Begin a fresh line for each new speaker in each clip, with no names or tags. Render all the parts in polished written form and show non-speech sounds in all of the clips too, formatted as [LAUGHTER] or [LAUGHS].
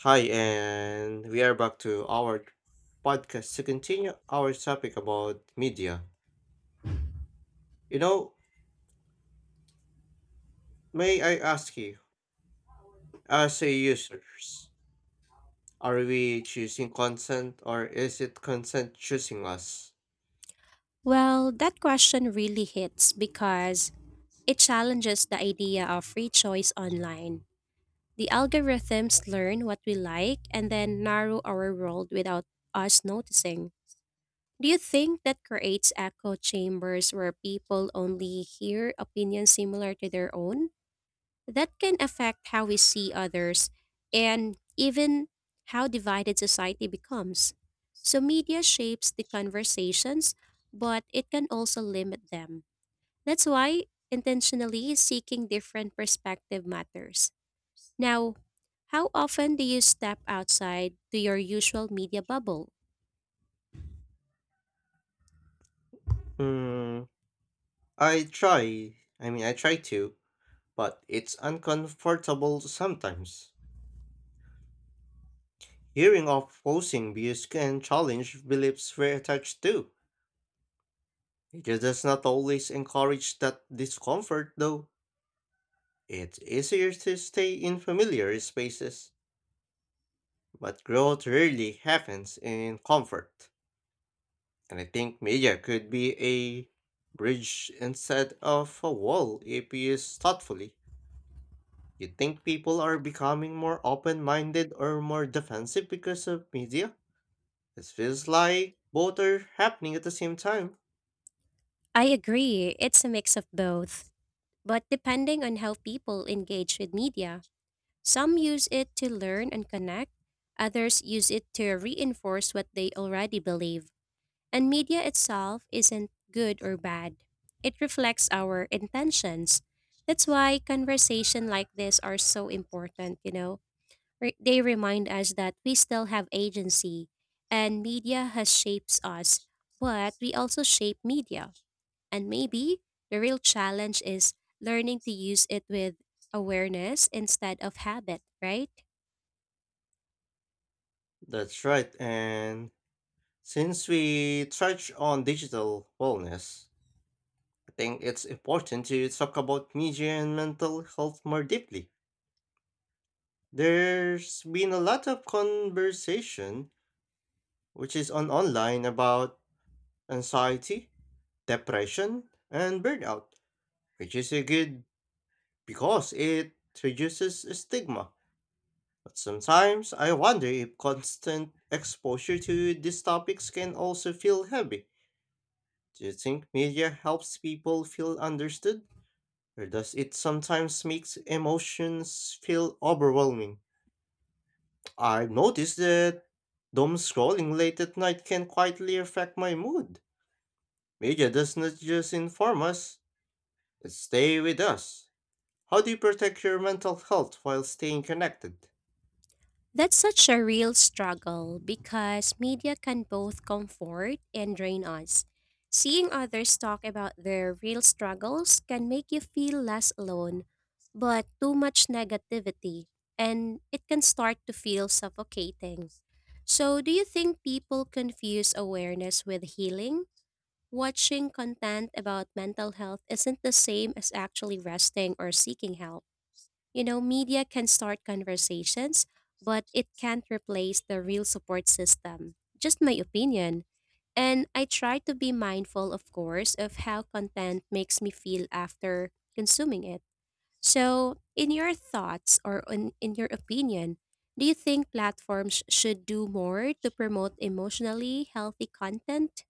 Hi, and we are back to our podcast to continue our topic about media. You know, may I ask you, as a users, are we choosing consent or is it consent choosing us?
Well, that question really hits because it challenges the idea of free choice online. The algorithms learn what we like and then narrow our world without us noticing. Do you think that creates echo chambers where people only hear opinions similar to their own? That can affect how we see others and even how divided society becomes. So, media shapes the conversations, but it can also limit them. That's why intentionally seeking different perspective matters. Now, how often do you step outside to your usual media bubble?
Hmm, I try to, but it's uncomfortable sometimes. Hearing opposing views can challenge beliefs we're attached to. It does not always encourage that discomfort, though. It's easier to stay in familiar spaces, but growth rarely happens in comfort. And I think media could be a bridge instead of a wall if used thoughtfully. You think people are becoming more open minded or more defensive because of media? It feels like both are happening at the same time.
I agree, it's a mix of both. But depending on how people engage with media, some use it to learn and connect, others use it to reinforce what they already believe. And media itself isn't good or bad. It reflects our intentions. That's why conversation like this are so important, you know. They remind us that we still have agency and media has shapes us, but we also shape media. And maybe the real challenge is learning to use it with awareness instead of habit, right?
That's right, and since we touch on digital wellness, I think it's important to talk about media and mental health more deeply. There's been a lot of conversation, which is on online, about anxiety, depression, and burnout, which is a good because it reduces stigma. But sometimes I wonder if constant exposure to these topics can also feel heavy. Do you think media helps people feel understood? Or does it sometimes makes emotions feel overwhelming? I've noticed that doom scrolling late at night can quietly affect my mood. Media does not just inform us, it stay with us. How do you protect your mental health while staying connected?
That's such a real struggle because media can both comfort and drain us. Seeing others talk about their real struggles can make you feel less alone, but too much negativity, and it can start to feel suffocating. So, do you think people confuse awareness with healing? Watching content about mental health isn't the same as actually resting or seeking help. You know, media can start conversations, but it can't replace the real support system. Just my opinion. And I try to be mindful, of course, of how content makes me feel after consuming it. So, in your thoughts or in your opinion, do you think platforms should do more to promote emotionally healthy content?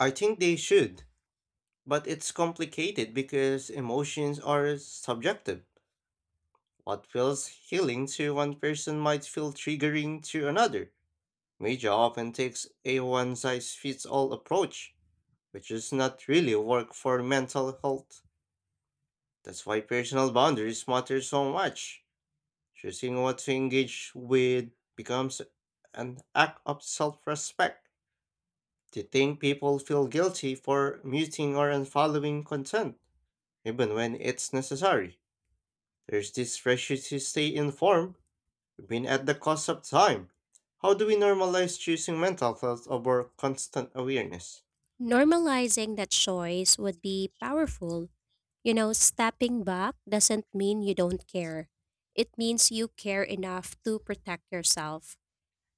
I think they should, but it's complicated because emotions are subjective. What feels healing to one person might feel triggering to another. Media often takes a one size fits all approach which is not really work for mental health. That's why personal boundaries matter so much. Choosing what to engage with becomes an act of self respect. Do you think people feel guilty for muting or unfollowing content, even when it's necessary? There's this pressure to stay informed, even at the cost of time. How do we normalize choosing mental health over constant awareness?
Normalizing that choice would be powerful. You know, stepping back doesn't mean you don't care. It means you care enough to protect yourself.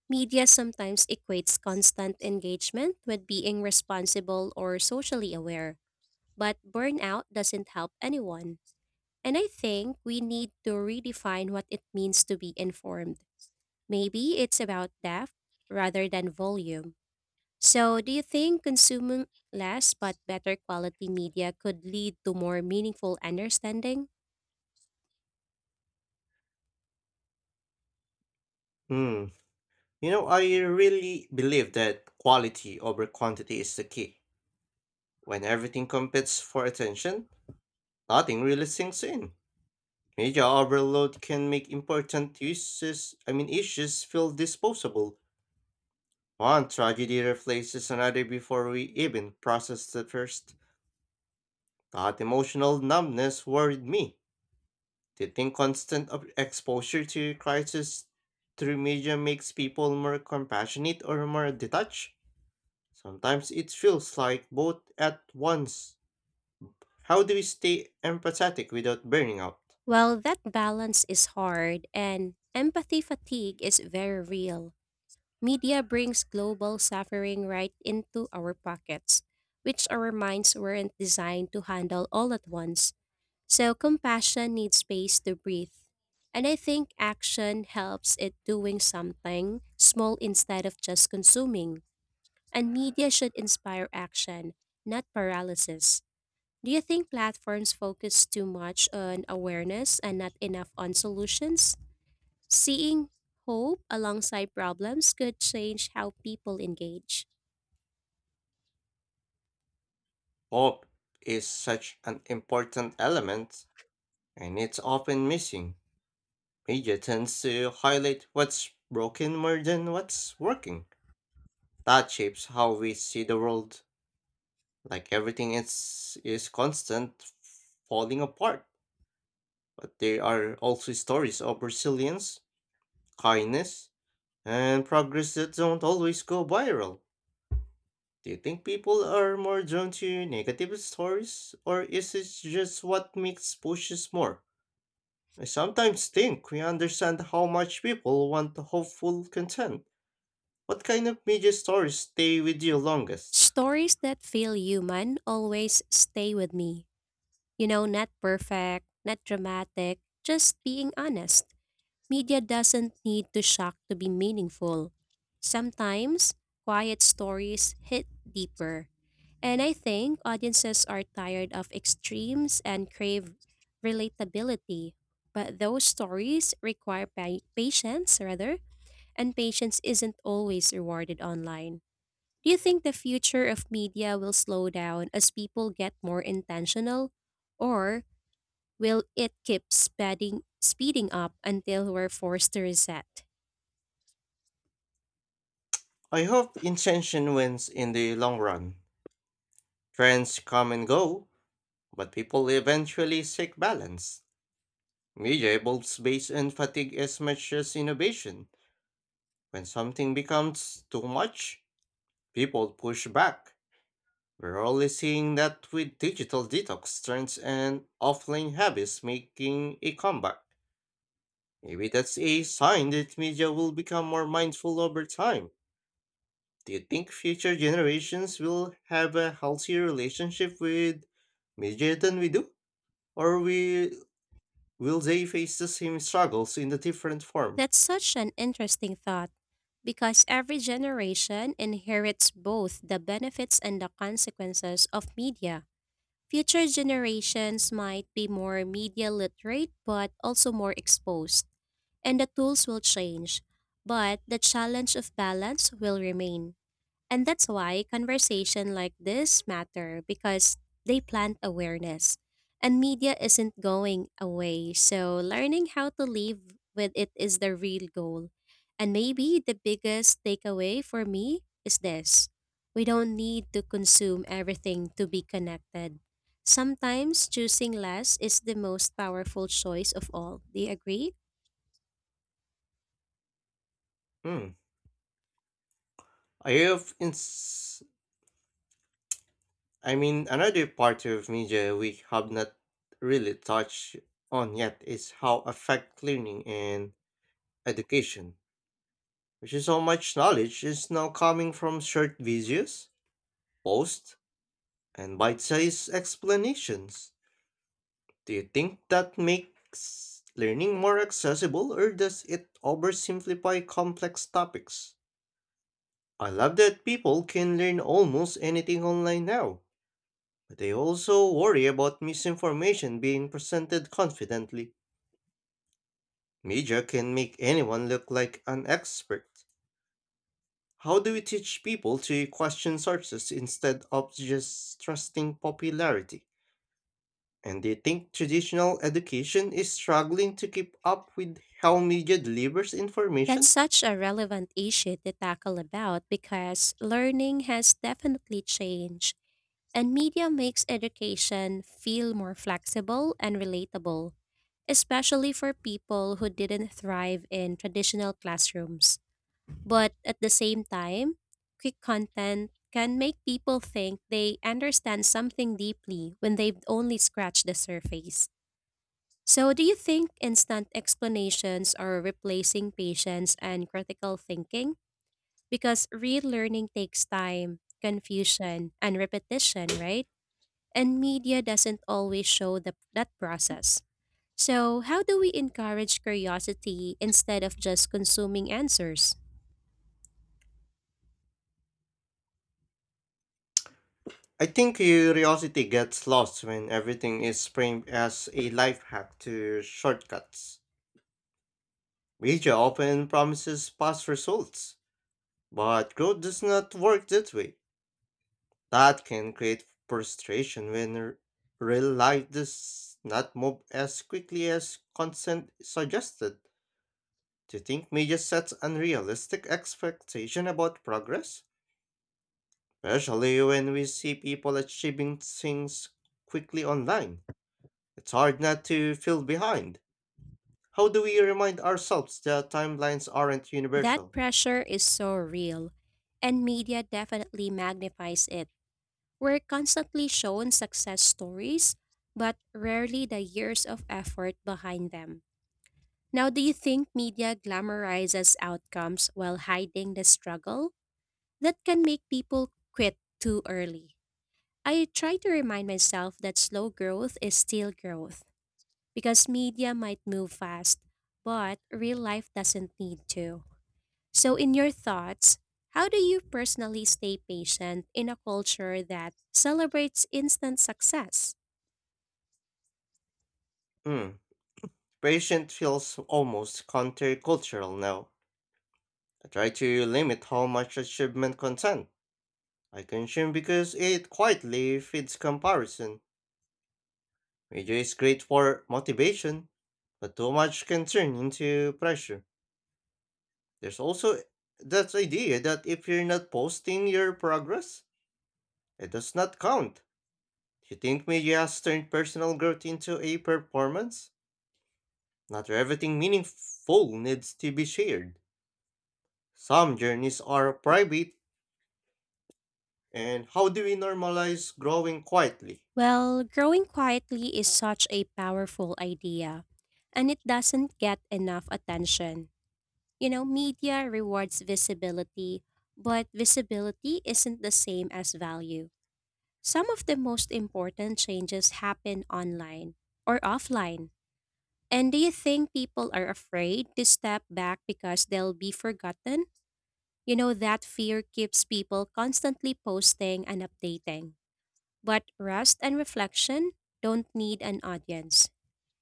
Media sometimes equates constant engagement with being responsible or socially aware, but burnout doesn't help anyone. And I think we need to redefine what it means to be informed. Maybe it's about depth rather than volume. So, do you think consuming less but better quality media could lead to more meaningful understanding?
Hmm, You know, I really believe that quality over quantity is the key. When everything competes for attention, nothing really sinks in. Media overload can make important issues, I mean issues feel disposable. One tragedy replaces another before we even process the first. That emotional numbness worried me. Do you think constant exposure to crisis through media makes people more compassionate or more detached? Sometimes it feels like both at once. How do we stay empathetic without burning out?
Well, that balance is hard, and empathy fatigue is very real. Media brings global suffering right into our pockets, which our minds weren't designed to handle all at once. So, compassion needs space to breathe. And I think action helps it doing something small instead of just consuming. And media should inspire action, not paralysis. Do you think platforms focus too much on awareness and not enough on solutions? Seeing hope alongside problems could change how people engage.
Hope is such an important element, and it's often missing. Media tends to highlight what's broken more than what's working. That shapes how we see the world. Like everything is constant falling apart. But there are also stories of resilience, kindness, and progress that don't always go viral. Do you think people are more drawn to negative stories, or is it just what makes pushes more? I sometimes think we understand how much people want the hopeful content. What kind of media stories stay with you longest?
Stories that feel human always stay with me. You know, not perfect, not dramatic, just being honest. Media doesn't need to shock to be meaningful. Sometimes, quiet stories hit deeper. And I think audiences are tired of extremes and crave relatability. But those stories require patience, rather, and patience isn't always rewarded online. Do you think the future of media will slow down as people get more intentional? Or will it keep speeding up until we're forced to reset?
I hope intention wins in the long run. Trends come and go, but people eventually seek balance. Media evolves based on fatigue as much as innovation. When something becomes too much, people push back. We're only seeing that with digital detox trends and offline habits making a comeback. Maybe that's a sign that media will become more mindful over time. Do you think future generations will have a healthier relationship with media than we do? Or will they face the same struggles in a different form?
That's such an interesting thought because every generation inherits both the benefits and the consequences of media. Future generations might be more media literate but also more exposed, and the tools will change, but the challenge of balance will remain. And that's why conversation like this matter because they plant awareness. And media isn't going away, so learning how to live with it is the real goal. And maybe the biggest takeaway for me is this. We don't need to consume everything to be connected. Sometimes choosing less is the most powerful choice of all. Do you agree?
Hmm. I have ins- I mean, Another part of media we have not really touched on yet is how affect learning and education, which is how much knowledge is now coming from short videos, posts, and bite-sized explanations. Do you think that makes learning more accessible or does it oversimplify complex topics? I love that people can learn almost anything online now But I also worry about misinformation being presented confidently. Media can make anyone look like an expert. How do we teach people to question sources instead of just trusting popularity? And do you think traditional education is struggling to keep up with how media delivers
That's
information?
such a relevant issue to tackle about because learning has definitely changed, and media makes education feel more flexible and relatable, especially for people who didn't thrive in traditional classrooms. But at the same time, quick content can make people think they understand something deeply when they've only scratched the surface. So, do you think instant explanations are replacing patience and critical thinking? Because real learning takes time, confusion, and repetition, right? And media doesn't always show the, that process. So, how do we encourage curiosity instead of just consuming answers?
I think curiosity gets lost when everything is framed as a life hack to shortcuts. Media often promises fast results But growth does not work that way. That can create frustration when real life does not move as quickly as consent suggested. Do you think media sets unrealistic expectation about progress? Especially when we see people achieving things quickly online. It's hard not to feel behind. How do we remind ourselves that timelines aren't
That
universal?
pressure is so real, and media definitely magnifies it. We're constantly shown success stories, but rarely the years of effort behind them. Now, do you think media glamorizes outcomes while hiding the struggle? That can make people quit too early. I try to remind myself that slow growth is still growth because media might move fast, but real life doesn't need to. So, in your thoughts, how do you personally stay patient in a culture that celebrates instant success?
Hmm, patient feels almost countercultural now. I try to limit how much achievement content I consume because it quietly feeds comparison, which is great for motivation, but too much can turn into pressure. There's also that idea that if you're not posting your progress, it does not count. Do you think media has turned personal growth into a performance? Not everything meaningful needs to be shared. Some journeys are private, and how do we normalize growing quietly?
Well, growing quietly is such a powerful idea, and it doesn't get enough attention. You know, media rewards visibility, but visibility isn't the same as value. Some of the most important changes happen online or offline. And do you think people are afraid to step back because they'll be forgotten? You know, that fear keeps people constantly posting and updating. But rest and reflection don't need an audience.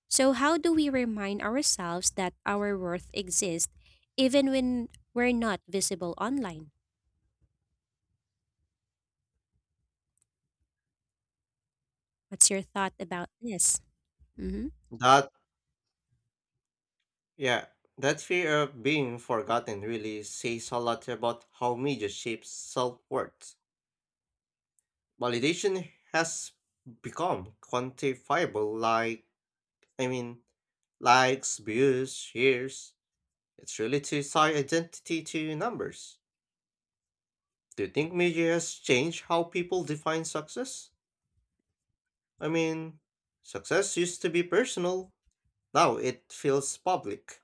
So, how do we remind ourselves that our worth exists even when we're not visible online? What's your thought about this? Mhm.
That Yeah, that fear of being forgotten really says a lot about how media shapes self worth. Validation has become quantifiable, I mean, likes, views, shares. It's really to tie identity to numbers. Do you think media has changed how people define success? I mean, success used to be personal, now it feels public.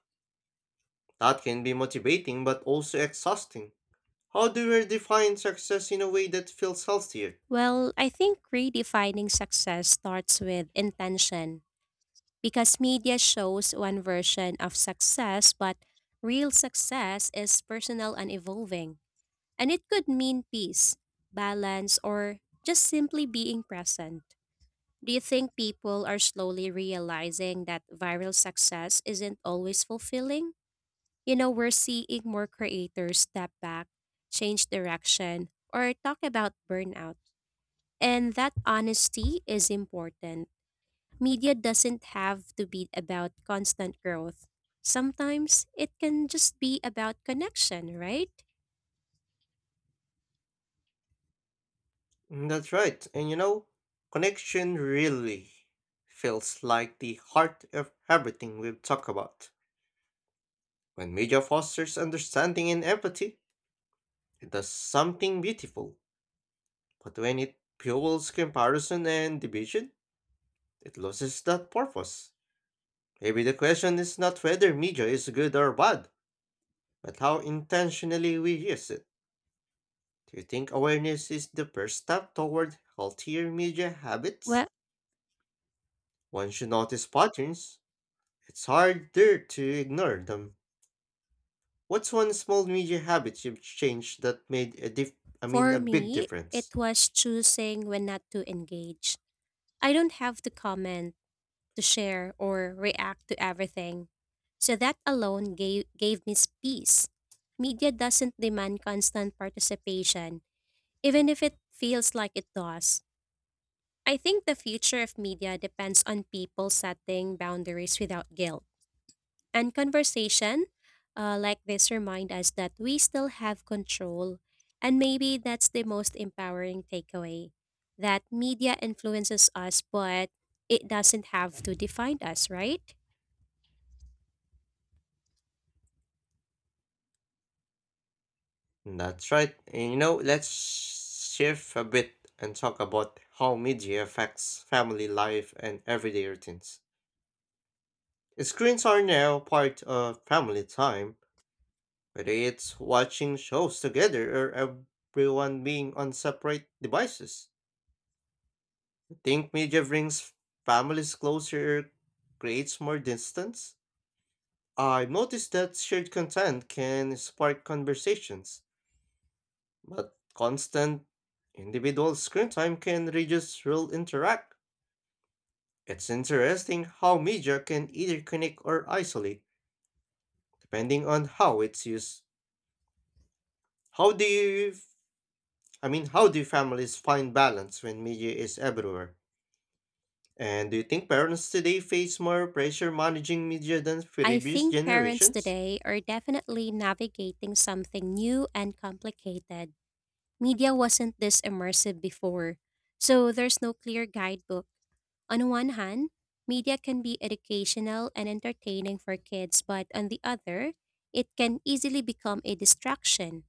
That can be motivating but also exhausting. How do we define success in a way that feels healthier?
Well, I think redefining success starts with intention because media shows one version of success, but real success is personal and evolving. And it could mean peace, balance, or just simply being present. Do you think people are slowly realizing that viral success isn't always fulfilling? You know, we're seeing more creators step back, change direction, or talk about burnout. And that honesty is important. Media doesn't have to be about constant growth. Sometimes it can just be about connection, right?
Mm, that's right. And you know, connection really feels like the heart of everything we've talked about. When media fosters understanding and empathy, it does something beautiful. But when it fuels comparison and division, it loses that purpose. Maybe the question is not whether media is good or bad, but how intentionally we use it. Do you think awareness is the first step toward healthier media habits?
Well,
Once you notice patterns, it's harder to ignore them. What's one small media habit you've changed that made a diff I mean a
for
big
me,
difference?
it was choosing when not to engage. I don't have to comment, to share, or react to everything. So that alone gave me peace. Media doesn't demand constant participation, even if it feels like it does. I think the future of media depends on people setting boundaries without guilt. And conversation like this remind us that we still have control. And maybe that's the most empowering takeaway that media influences us, but it doesn't have to define us, right?
That's right. And you know, let's shift a bit and talk about how media affects family life and everyday routines. Screens are now part of family time, whether it's watching shows together or everyone being on separate devices, I think media brings families closer or creates more distance. I've noticed that shared content can spark conversations, but constant individual screen time can reduce real interact. It's interesting how media can either connect or isolate, depending on how it's used. How do you, I mean, How do families find balance when media is everywhere? And do you think parents today face more pressure managing media than
I
previous
think parents
generations?
today are definitely navigating something new and complicated. Media wasn't this immersive before, so there's no clear guidebook. On one hand, media can be educational and entertaining for kids, but on the other, it can easily become a distraction.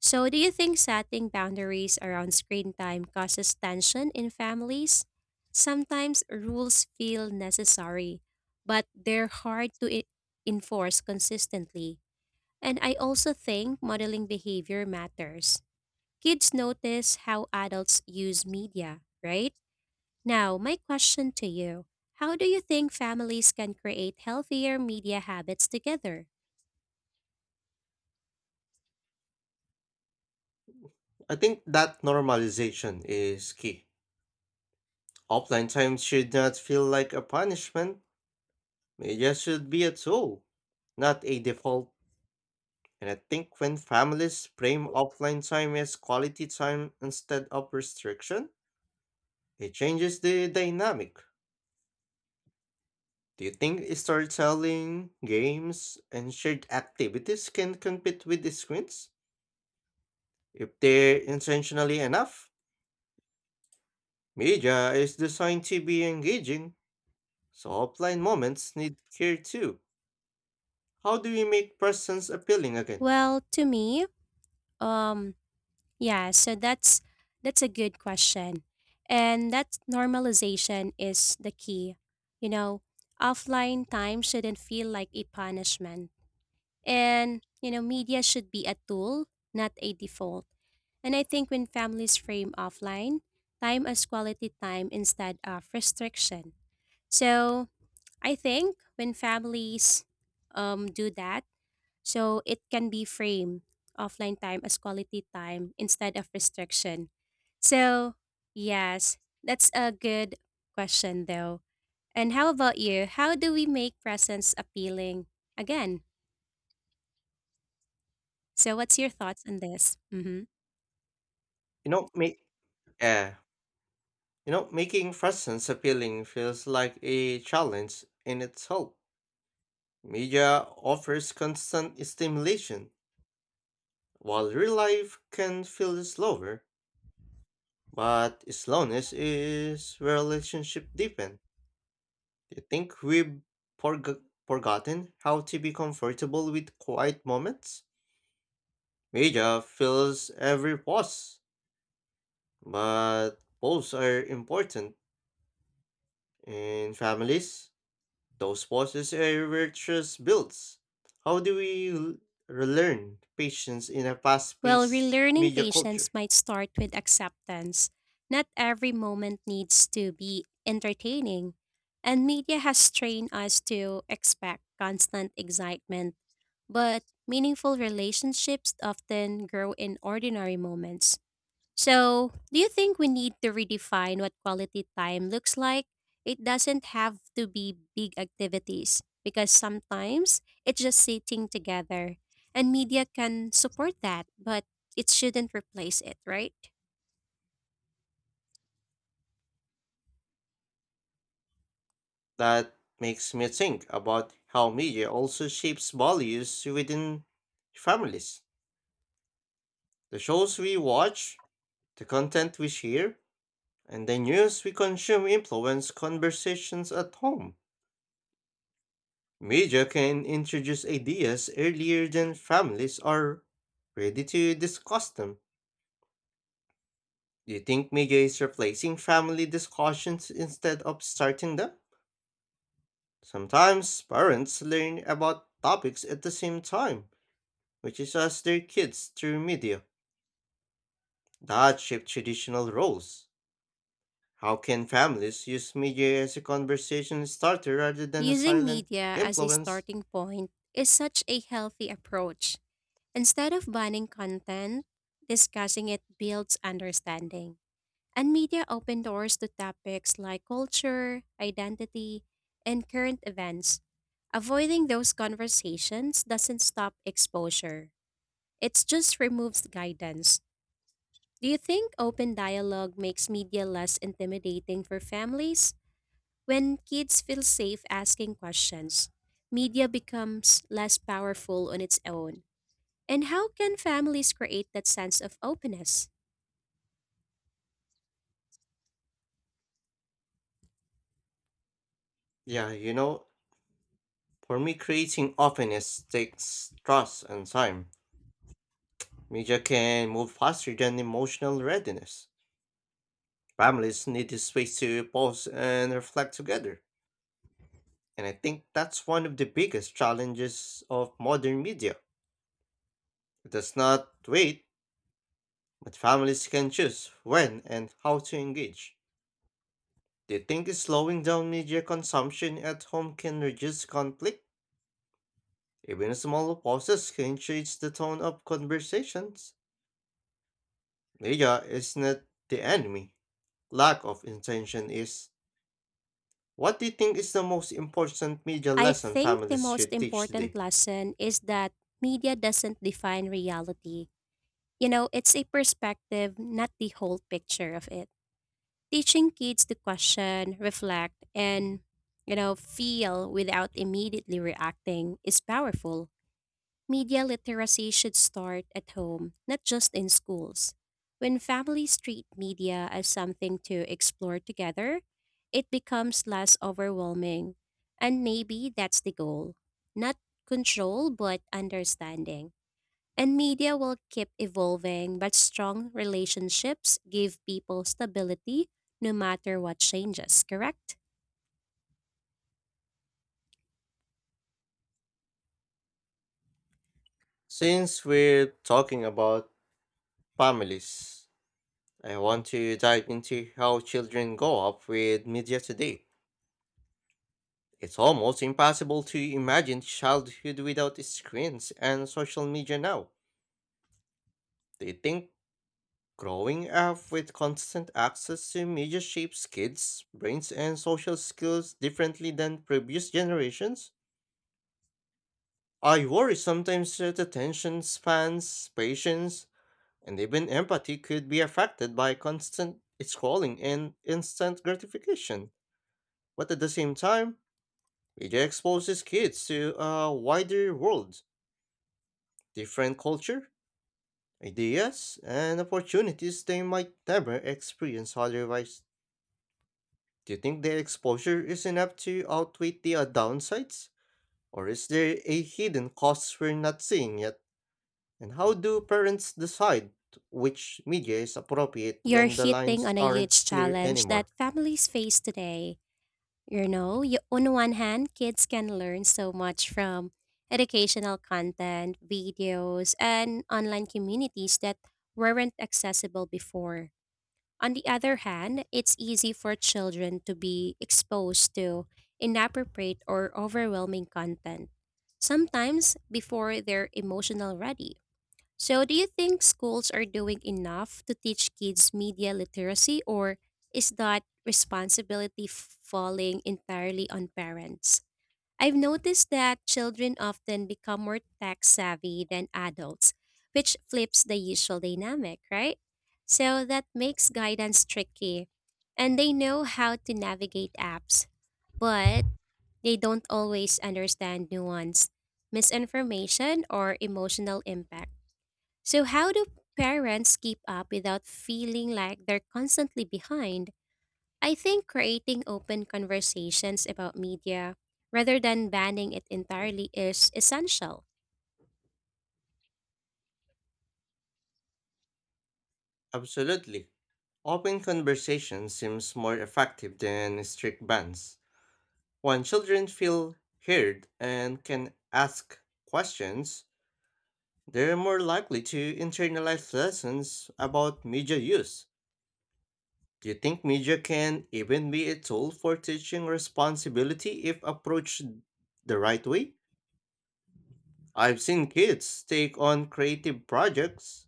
So, do you think setting boundaries around screen time causes tension in families? Sometimes rules feel necessary, but they're hard to enforce consistently. And I also think modeling behavior matters. Kids notice how adults use media, right? Now, my question to you: how do you think families can create healthier media habits together?
I think that normalization is key. Offline time should not feel like a punishment. Media should be a tool, not a default. And I think when families frame offline time as quality time instead of restriction, it changes the dynamic. Do you think storytelling, games, and shared activities can compete with the screens? If they're intentionally enough, media is designed to be engaging, so offline moments need care too. How do we make presence appealing again?
Well, to me, um, yeah, so that's a good question. And that normalization is the key. You know, offline time shouldn't feel like a punishment. And, you know, media should be a tool, not a default. And I think when families frame offline time as quality time instead of restriction. So, I think when families do that, so it can be framed offline time as quality time instead of restriction. So, yes, that's a good question though. And how about you? How do we make presence appealing again? So, what's your thoughts on this? Mm-hmm.
You know, make uh, making presence appealing feels like a challenge in itself. Media offers constant stimulation, while real life can feel slower, but slowness is where relationship deepen. Do you think we've forg- forgotten how to be comfortable with quiet moments? Media fills every pause, but pause are important. In families, those pauses are virtuous builds. How do we l- relearn patience in a fast
Well,
paced
relearning
media culture?
patience might start with acceptance. Not every moment needs to be entertaining, and media has trained us to expect constant excitement, but meaningful relationships often grow in ordinary moments. So, do you think we need to redefine what quality time looks like? It doesn't have to be big activities because sometimes it's just sitting together, and media can support that, but it shouldn't replace it, right?
That makes me think about how media also shapes values within families. The shows we watch, the content we share, and the news we consume influence conversations at home. Media can introduce ideas earlier than families are ready to discuss them. Do you think media is replacing family discussions instead of starting them? Sometimes parents learn about topics at the same time, which is as their kids through media. That shape traditional roles. How can families use media as a conversation starter rather than a
Using
silent
media as a
influence?
starting point is such a healthy approach. Instead of banning content, discussing it builds understanding. And media open doors to topics like culture, identity, and current events. Avoiding those conversations doesn't stop exposure, it just removes guidance. Do you think open dialogue makes media less intimidating for families? When kids feel safe asking questions, media becomes less powerful on its own. And how can families create that sense of openness?
Yeah, you know, for me, creating openness takes trust and time. Media can move faster than emotional readiness. Families need the space to pause and reflect together. And I think that's one of the biggest challenges of modern media. It does not wait, but families can choose when and how to engage. Do you think slowing down media consumption at home can reduce conflict? Even small pauses can change the tone of conversations. Media is not the enemy. Lack of intention is. What do you think is the most important media
I
lesson
think the
families
most
should teach
important
today?
lesson is that media doesn't define reality. You know, it's a perspective, not the whole picture of it. Teaching kids to question, reflect, and, you know, feel without immediately reacting is powerful. Media literacy should start at home, not just in schools. When families treat media as something to explore together, it becomes less overwhelming. And maybe that's the goal, not control, but understanding. And media will keep evolving, but strong relationships give people stability no matter what changes, correct?
Since we're talking about families, I want to dive into how children grow up with media today. It's almost impossible to imagine childhood without screens and social media now. Do you think growing up with constant access to media shapes kids' brains and social skills differently than previous generations. I worry sometimes that attention spans, patience, and even empathy could be affected by constant scrolling and instant gratification. But at the same time, media exposes kids to a wider world, different culture, ideas, and opportunities they might never experience otherwise. Do you think the exposure is enough to outweigh the downsides? Or is there a hidden cost we're not seeing yet? And how do parents decide which media is appropriate
You're
when the
hitting
lines
on a
aren't
huge
clear
challenge
anymore?
that families face today. You know, you, on one hand, kids can learn so much from educational content, videos, and online communities that weren't accessible before. On the other hand, it's easy for children to be exposed to inappropriate or overwhelming content, sometimes before they're emotional ready. So, do you think schools are doing enough to teach kids media literacy, or is that responsibility falling entirely on parents? I've noticed that children often become more tech savvy than adults, which flips the usual dynamic, right? So, that makes guidance tricky. And they know how to navigate apps, but they don't always understand nuance, misinformation, or emotional impact. So, how do parents keep up without feeling like they're constantly behind? I think creating open conversations about media rather than banning it entirely is essential.
Absolutely. Open conversation seems more effective than strict bans. When children feel heard and can ask questions, they're more likely to internalize lessons about media use. Do you think media can even be a tool for teaching responsibility if approached the right way? I've seen kids take on creative projects,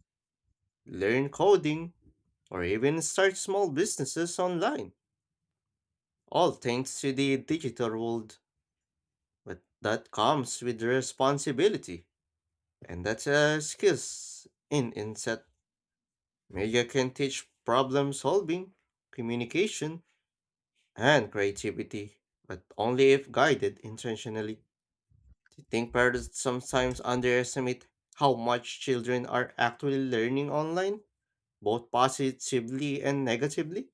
learn coding, or even start small businesses online, all thanks to the digital world. But that comes with responsibility, and that's a skill in inset. Media can teach problem solving, communication, and creativity, but only if guided intentionally. Do you think parents sometimes underestimate how much children are actually learning online, both positively and negatively?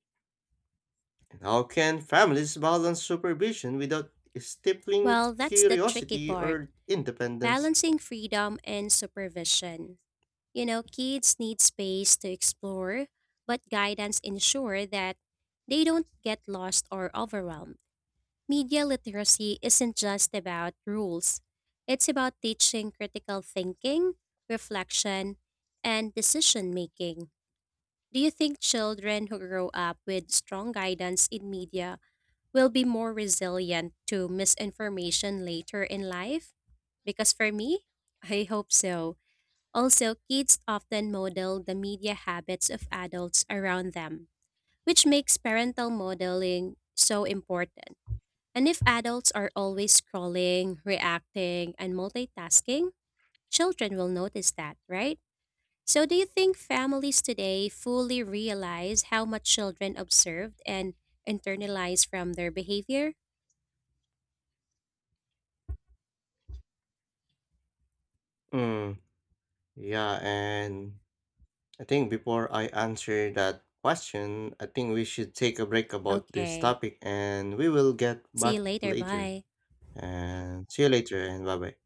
And how can families balance supervision without stifling
Well, that's the tricky
curiosity
part,
or independence?
balancing freedom and supervision. You know, kids need space to explore, but guidance ensure that they don't get lost or overwhelmed. Media literacy isn't just about rules, it's about teaching critical thinking, reflection, and decision making. Do you think children who grow up with strong guidance in media will be more resilient to misinformation later in life? Because for me, [LAUGHS] I hope so. Also, kids often model the media habits of adults around them, which makes parental modeling so important. And if adults are always scrolling, reacting, and multitasking, children will notice that, right? So, do you think families today fully realize how much children observed and internalize from their behavior?
Mm, yeah, and I think before I answer that question, I think we should take a break about this
Okay.
topic and we will get
See you
back
later.
later.
Bye.
And see you later and bye bye.